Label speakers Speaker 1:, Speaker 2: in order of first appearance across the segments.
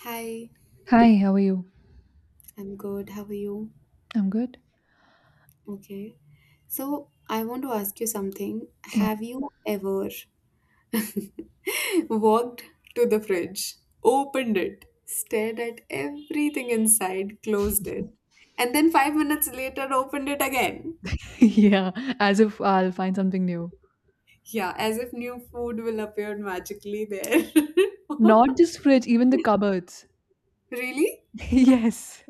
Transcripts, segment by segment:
Speaker 1: Hi,
Speaker 2: Hi, how are you?
Speaker 1: I'm good. How are you?
Speaker 2: I'm good.
Speaker 1: Okay. So, I want to ask you something.
Speaker 2: Yeah.
Speaker 1: Have you ever walked to the fridge, opened it, stared at everything inside, closed it, and then 5 minutes later opened it again?
Speaker 2: yeah, as if I'll find something new.
Speaker 1: Yeah, as if new food will appear magically there.
Speaker 2: Not just fridge, even the cupboards.
Speaker 1: Really?
Speaker 2: yes.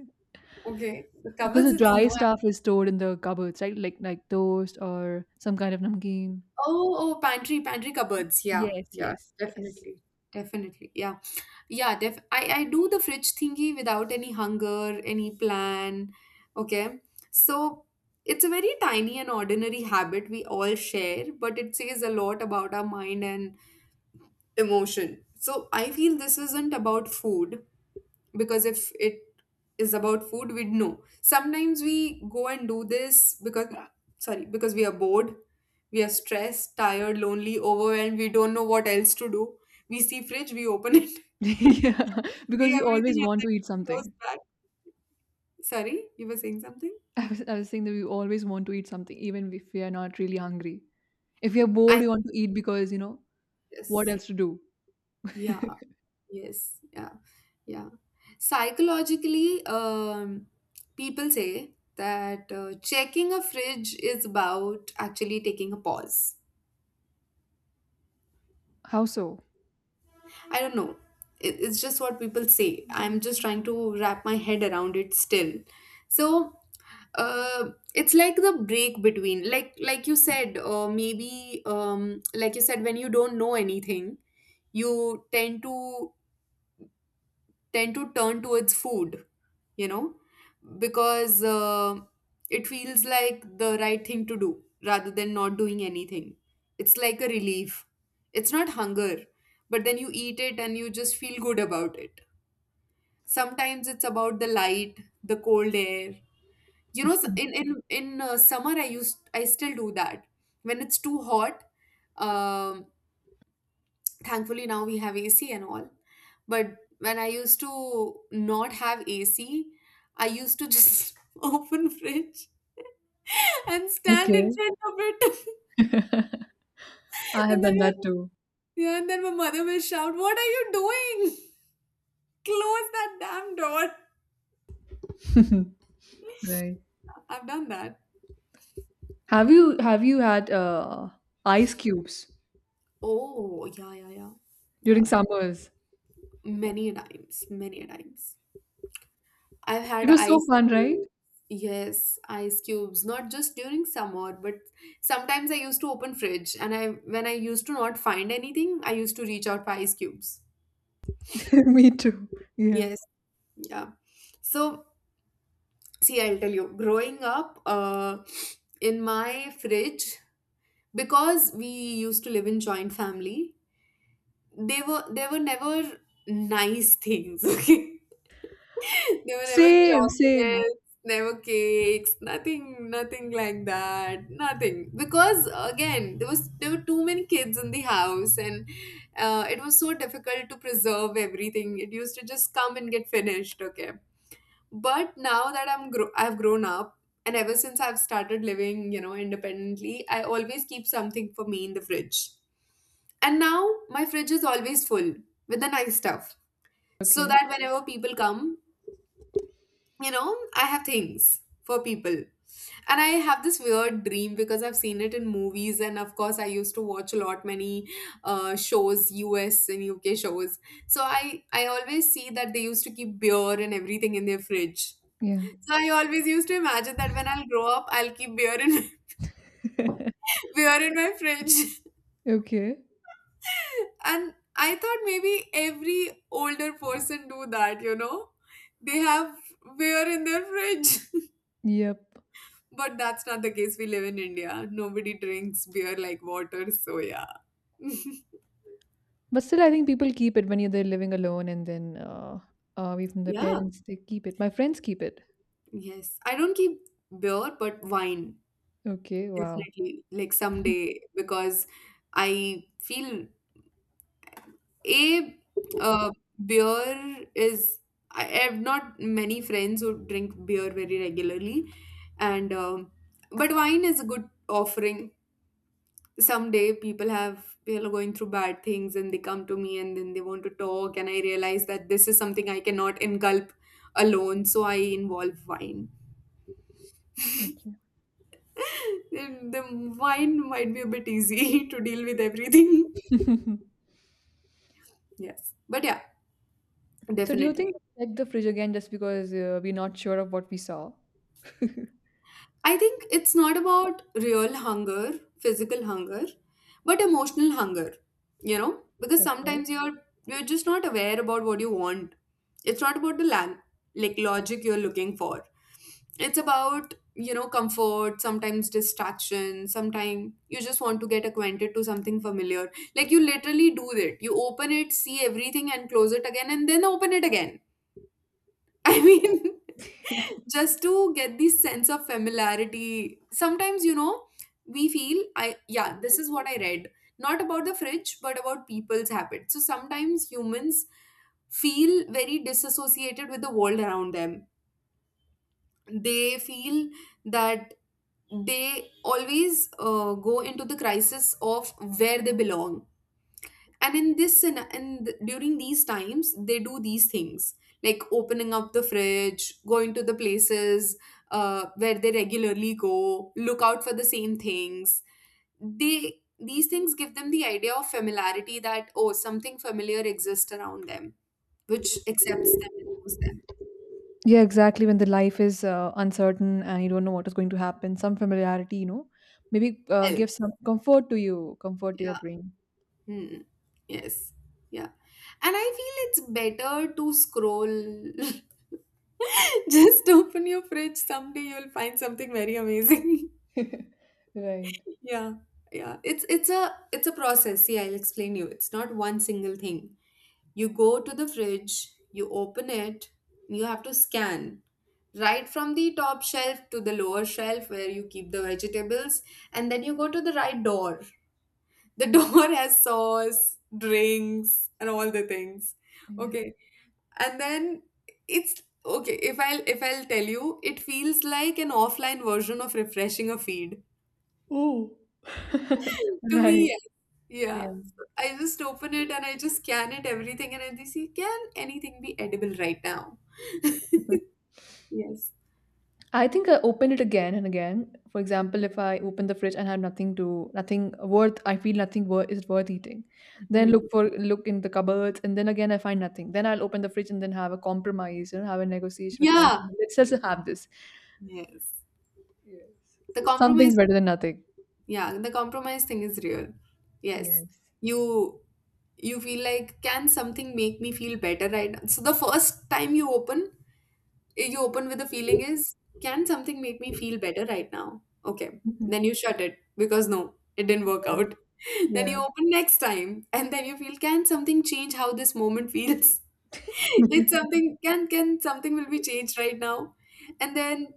Speaker 1: Okay. The
Speaker 2: Because
Speaker 1: cupboards
Speaker 2: the
Speaker 1: is
Speaker 2: dry
Speaker 1: new.
Speaker 2: stuff is stored in the cupboards, right? Like toast or some kind of namkeen.
Speaker 1: Oh, oh, pantry, pantry cupboards. Yeah,
Speaker 2: Yes,
Speaker 1: yeah,
Speaker 2: yes, yes.
Speaker 1: definitely. Definitely. Yeah. Yeah, def I do the fridge thingy without any hunger, any plan. Okay. So it's a very tiny and ordinary habit we all share, but it says a lot about our mind and emotion. So I feel this isn't about food because if it is about food, we'd know. Sometimes we go and do this because, sorry, because we are bored, we are stressed, tired, lonely, overwhelmed, we don't know what else to do. We see fridge, we open it,
Speaker 2: yeah,
Speaker 1: see
Speaker 2: because we
Speaker 1: everything,
Speaker 2: always
Speaker 1: and
Speaker 2: want to
Speaker 1: then
Speaker 2: eat
Speaker 1: you close
Speaker 2: something.
Speaker 1: back. Sorry, you were saying something?
Speaker 2: I was saying that we always want to eat something, even if we are not really hungry. If we are bored,
Speaker 1: I
Speaker 2: we want to eat because, what
Speaker 1: yes.
Speaker 2: else to do?
Speaker 1: Yeah, yes, yeah, yeah. Psychologically, people say that checking a fridge is about actually taking a pause.
Speaker 2: How so?
Speaker 1: I don't know. It's just what people say. I'm just trying to wrap my head around it still. So, it's like the break between like you said maybe like you said, when you don't know anything, you tend to turn towards food, you know, because it feels like the right thing to do rather than not doing anything. It's like a relief. It's not hunger, but then you eat it and you just feel good about it. Sometimes it's about the light, the cold air, you know, in summer, I still do that when it's too hot. Um, Thankfully now we have AC and all, but when I used to not have AC, I used to just open fridge and stand in
Speaker 2: Okay.
Speaker 1: front of it,
Speaker 2: I
Speaker 1: and
Speaker 2: have
Speaker 1: then
Speaker 2: done
Speaker 1: my-
Speaker 2: that too.
Speaker 1: yeah, and then my mother will shout, "What are you doing? Close that damn door!"
Speaker 2: Right.
Speaker 1: I've done that.
Speaker 2: Have you had ice cubes
Speaker 1: Oh yeah, yeah, yeah,
Speaker 2: during
Speaker 1: yeah.
Speaker 2: summers?
Speaker 1: Many a times, many a times. I've
Speaker 2: It
Speaker 1: had
Speaker 2: was so
Speaker 1: ice
Speaker 2: fun, right?
Speaker 1: cubes. Yes, ice cubes. Not just during summer, but sometimes I used to open fridge and I when I used to not find anything, I used to reach out for ice cubes.
Speaker 2: Me too. Yeah.
Speaker 1: Yes, yeah. So, see, I'll tell you, growing up, in my fridge, because we used to live in joint family, they were never nice things, okay? There were never
Speaker 2: Same, same.
Speaker 1: chocolates, never cakes, nothing, nothing like that, nothing. Because again, there were too many kids in the house, and it was so difficult to preserve everything. It used to just come and get finished, okay. But now that I've grown up, and ever since I've started living, you know, independently, I always keep something for me in the fridge. And now my fridge is always full with the nice stuff, so
Speaker 2: Okay.
Speaker 1: that whenever people come, you know, I have things for people. And I have this weird dream, because I've seen it in movies, and of course I used to watch a lot many shows, US and UK shows. So I always see that they used to keep beer and everything in their fridge,
Speaker 2: Yeah.
Speaker 1: so I always used to imagine that when I'll grow up, I'll keep beer in beer in my fridge.
Speaker 2: Okay.
Speaker 1: And I thought maybe every older person do that, you know, they have beer in their fridge.
Speaker 2: Yep.
Speaker 1: But that's not the case. We live in India. Nobody drinks beer like water. So, yeah.
Speaker 2: But still, I think people keep it when you're there living alone and then away from their
Speaker 1: Yeah.
Speaker 2: parents, they keep it. My friends keep it.
Speaker 1: Yes. I don't keep beer, but wine,
Speaker 2: Okay. Wow.
Speaker 1: definitely. Like someday, because I feel A, uh, beer is, I have not many friends who drink beer very regularly. And, but wine is a good offering. Someday people have, people are going through bad things and they come to me and then they want to talk and I realize that this is something I cannot engulf alone, so I involve wine.
Speaker 2: Okay.
Speaker 1: Then the wine might be a bit easy to deal with everything. Yes, but yeah,
Speaker 2: So do you think
Speaker 1: definitely.
Speaker 2: we check the fridge again just because we're not sure of what we saw?
Speaker 1: I think it's not about real hunger, physical hunger, but emotional hunger, you know, because
Speaker 2: Okay.
Speaker 1: sometimes you're just not aware about what you want. It's not about like logic you're looking for. It's about, you know, comfort, sometimes distraction, sometimes you just want to get acquainted to something familiar. Like you literally do it. You open it, see everything and close it again and then open it again. I mean, just to get this sense of familiarity. Sometimes, you know, we feel I yeah, this is what I read. Not about the fridge, but about people's habits. So sometimes humans feel very disassociated with the world around them. They feel that they always go into the crisis of where they belong. And in this and during these times they do these things, like opening up the fridge, going to the places where they regularly go, look out for the same things. They, these things give them the idea of familiarity, that oh, something familiar exists around them which accepts them and knows them.
Speaker 2: Yeah, exactly. When the life is uncertain and you don't know what is going to happen, some familiarity, you know, maybe
Speaker 1: Well,
Speaker 2: give some comfort to you, comfort to your
Speaker 1: yeah.
Speaker 2: brain.
Speaker 1: Hmm. Yes. Yeah. And I feel it's better to scroll, just open your fridge someday you'll find something very amazing.
Speaker 2: Right.
Speaker 1: Yeah, yeah. It's a process. See, I'll explain you. It's not one single thing. You go to the fridge, you open it, you have to scan right from the top shelf to the lower shelf where you keep the vegetables, and then you go to the right door. The door has sauce, drinks, and all the things.
Speaker 2: Yeah.
Speaker 1: Okay. And then it's okay, if I'll tell you, it feels like an offline version of refreshing a feed
Speaker 2: Oh,
Speaker 1: to me,
Speaker 2: Right.
Speaker 1: yes. Yeah.
Speaker 2: Yeah.
Speaker 1: So I just open it and I just scan it, everything, and I just see, can anything be edible right now? Yes.
Speaker 2: I think I open it again and again. For example, if I open the fridge and have nothing worth, I feel nothing worth is worth eating. Then
Speaker 1: Hmm.
Speaker 2: look in the cupboards, and then again I find nothing. Then I'll open the fridge and then have a compromise, you know, have a negotiation with
Speaker 1: Yeah.
Speaker 2: myself. Let's just have this.
Speaker 1: Yes.
Speaker 2: Yes.
Speaker 1: The compromise,
Speaker 2: Something's better than nothing.
Speaker 1: yeah, the compromise thing is real. Yes.
Speaker 2: Yes.
Speaker 1: You you feel like, can something make me feel better right now? So the first time you open with the feeling is, can something make me feel better right now? Okay,
Speaker 2: Mhm.
Speaker 1: then you shut it because no, it didn't work
Speaker 2: Yeah.
Speaker 1: out. Then
Speaker 2: Yeah.
Speaker 1: you open next time and then you feel, can something change how this moment feels? It's something, can something will be changed right now? And then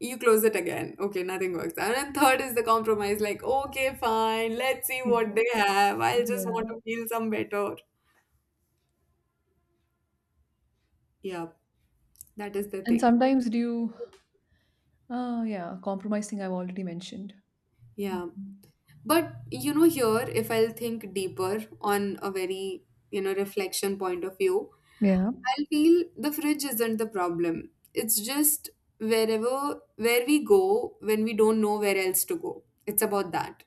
Speaker 1: you close it again, okay nothing works out, and third is the compromise, like okay fine, let's see what they
Speaker 2: Exactly.
Speaker 1: have, I'll just want
Speaker 2: Yeah.
Speaker 1: to feel some better. Yeah, that is the
Speaker 2: And
Speaker 1: thing.
Speaker 2: sometimes do you, oh yeah, compromise thing I've already mentioned.
Speaker 1: Yeah.
Speaker 2: Mhm.
Speaker 1: But you know, here, if I'll think deeper on a very, you know, reflection point of view,
Speaker 2: Yeah.
Speaker 1: I'll feel the fridge isn't the problem. It's just wherever, where we go when we don't know where else to go. It's about that.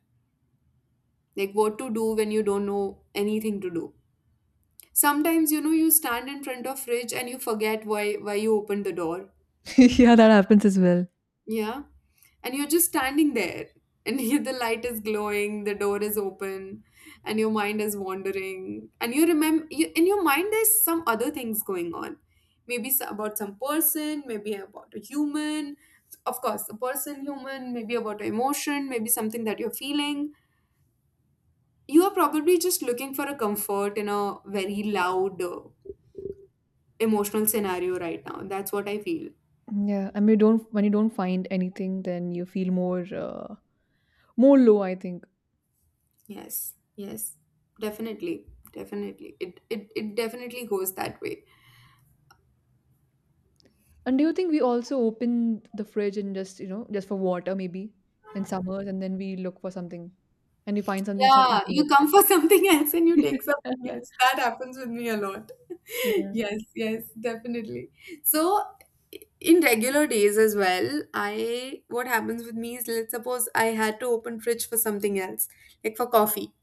Speaker 1: Like what to do when you don't know anything to do. Sometimes, you know, you stand in front of fridge and you forget why you opened the door.
Speaker 2: Yeah, that happens as well.
Speaker 1: Yeah. And you're just standing there, and the light is glowing, the door is open, and your mind is wandering. And you remember, you, in your mind, there's some other things going on. Maybe about some person, maybe about a human. Of course, a person, human, maybe about an emotion, maybe something that you're feeling. You are probably just looking for a comfort in a very loud, emotional scenario right now. That's what I feel.
Speaker 2: Yeah, and you don't when you don't find anything, then you feel more more low, I think.
Speaker 1: Yes, yes, definitely, definitely. It definitely goes that way.
Speaker 2: And do you think we also open the fridge and just you know just for water maybe in summers, and then we look for something, and we find something, start
Speaker 1: Yeah,
Speaker 2: eating
Speaker 1: you
Speaker 2: it.
Speaker 1: come for something else and you take
Speaker 2: Yes.
Speaker 1: something else. That happens with me a lot.
Speaker 2: yeah.
Speaker 1: Yes, yes, definitely. So in regular days as well, I what happens with me is, let's suppose I had to open fridge for something else, like for coffee.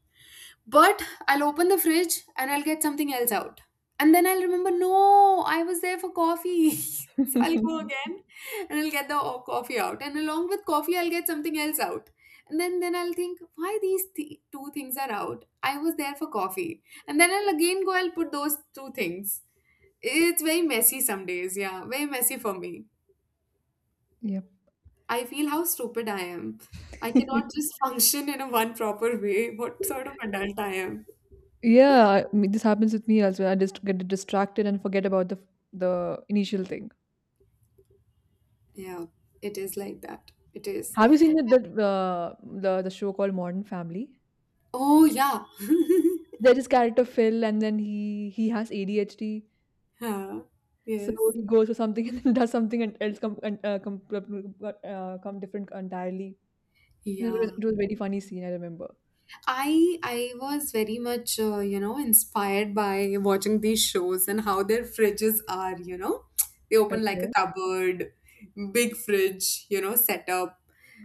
Speaker 1: But I'll open the fridge and I'll get something else out. And then I'll remember, no, I was there for coffee. So I'll go again and I'll get the coffee out. And along with coffee, I'll get something else out. And then I'll think, why these two things are out? I was there for coffee. And then I'll again go, I'll put those two things. It's very messy some days. Yeah, very messy for me.
Speaker 2: Yep.
Speaker 1: I feel how stupid I am. I cannot just function in a one proper way. What sort of adult I am.
Speaker 2: yeah, I mean, this happens with me as well. I just get distracted and forget about the initial thing.
Speaker 1: Yeah, it is like that. It is.
Speaker 2: Have you seen that, that the show called Modern Family?
Speaker 1: Oh yeah.
Speaker 2: There is character Phil, and then he has ADHD,
Speaker 1: Huh.
Speaker 2: so
Speaker 1: Yes.
Speaker 2: he goes for something and then does something and else come and come different entirely. It was,
Speaker 1: Yeah.
Speaker 2: it was a very funny scene. I remember.
Speaker 1: I was very much you know, inspired by watching these shows and how their fridges are, you know. They open like a
Speaker 2: Okay.
Speaker 1: cupboard, big fridge, you know, set up.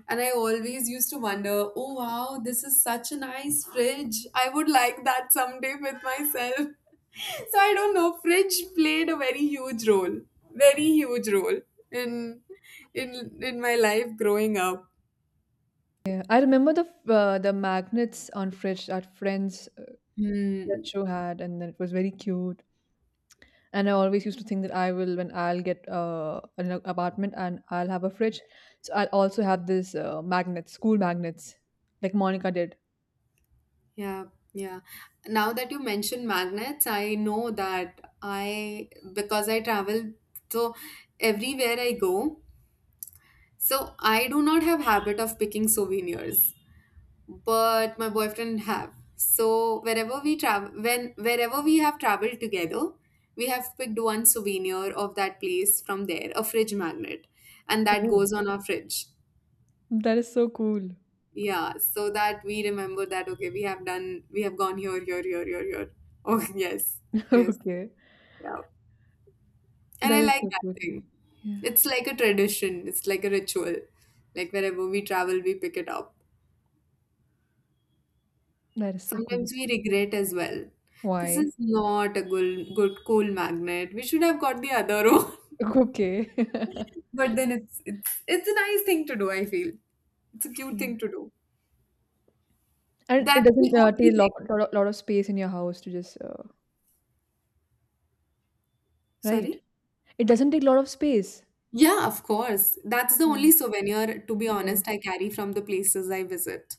Speaker 1: And I always used to wonder, oh wow, this is such a nice fridge. I would like that someday with myself. So I don't know. Fridge played a very huge role in in my life growing up.
Speaker 2: Yeah, I remember the the magnets on fridge that friends
Speaker 1: Hmm.
Speaker 2: that show had, and then it was very cute. And I always used to think that I will when I'll get apartment and I'll have a fridge, so I'll also have this magnets, school magnets, like Monica did.
Speaker 1: Yeah, yeah. Now that you mentioned magnets, I know that I because I travel, so everywhere I go, so I do not have habit of picking souvenirs. But my boyfriend have. So wherever we travel, when wherever we have traveled together, we have picked one souvenir of that place from there, a fridge magnet, and that
Speaker 2: Oh,
Speaker 1: goes on our fridge.
Speaker 2: that is so cool.
Speaker 1: Yeah, so that we remember that okay, we have done, we have gone here, here, here, here, here. Oh yes, yes,
Speaker 2: okay.
Speaker 1: yeah. And I
Speaker 2: That is
Speaker 1: like
Speaker 2: so cool.
Speaker 1: that thing.
Speaker 2: Yeah,
Speaker 1: It's like a tradition. It's like a ritual. Like wherever we travel, we pick it up.
Speaker 2: that is so cool.
Speaker 1: Sometimes we regret as well. This is
Speaker 2: Why?
Speaker 1: not a good, good cool magnet. We should have got the other one.
Speaker 2: Okay.
Speaker 1: But then it's a nice thing to do, I feel. It's a cute
Speaker 2: Yeah.
Speaker 1: thing to do.
Speaker 2: And it
Speaker 1: That's the
Speaker 2: doesn't take
Speaker 1: only
Speaker 2: a
Speaker 1: thing.
Speaker 2: lot of space in your house to just, right?
Speaker 1: Sorry?
Speaker 2: It doesn't take a lot of space.
Speaker 1: Yeah, of course. That's the
Speaker 2: Yeah.
Speaker 1: only souvenir, to be
Speaker 2: Yes.
Speaker 1: honest, I carry from the places I visit.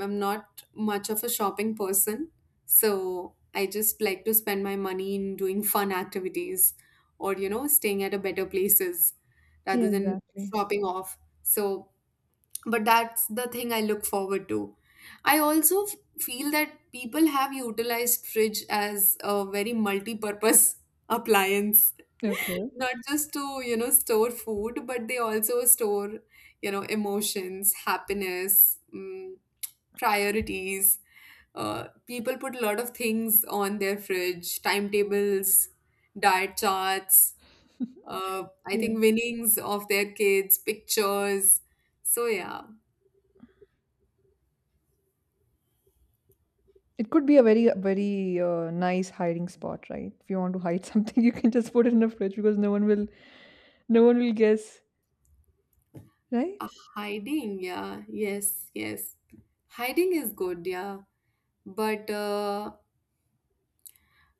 Speaker 1: I'm not much of a shopping person, so I just like to spend my money in doing fun activities or, you know, staying at a better places
Speaker 2: Yeah,
Speaker 1: rather than
Speaker 2: exactly.
Speaker 1: shopping off. So, but that's the thing I look forward to. I also feel that people have utilized fridge as a very multi-purpose appliance,
Speaker 2: Okay.
Speaker 1: not just to you know store food, but they also store, you know, emotions, happiness, priorities. People put a lot of things on their fridge, timetables, diet charts, I
Speaker 2: Yeah.
Speaker 1: think winnings of their kids, pictures, so yeah.
Speaker 2: It could be a very, very nice hiding spot, right? If you want to hide something, you can just put it in a fridge because no one will guess,
Speaker 1: uh,
Speaker 2: right?
Speaker 1: Hiding, yeah, yes, yes, hiding is good, yeah. But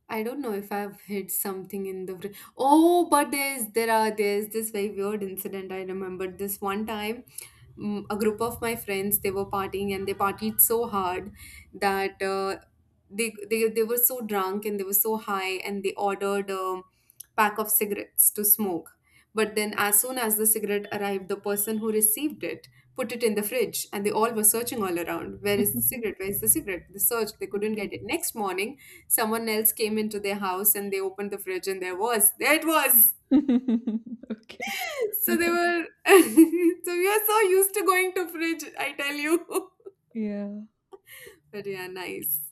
Speaker 1: I don't know if I've hit something in the fridge. Oh, but there's there are there's this very weird incident I remember. This one time, a group of my friends, they were partying and they partied so hard that they were so drunk and they were so high and they ordered a pack of cigarettes to smoke. But then, as soon as the cigarette arrived, the person who received it put it in the fridge, and they all were searching all around, where is the cigarette, where is the cigarette, they searched, they couldn't
Speaker 2: Okay.
Speaker 1: get it. Next morning someone else came into their house and they opened the fridge, and there was, there it was.
Speaker 2: Okay.
Speaker 1: So they were so we are so used to going to fridge, I tell you.
Speaker 2: Yeah.
Speaker 1: But yeah, nice.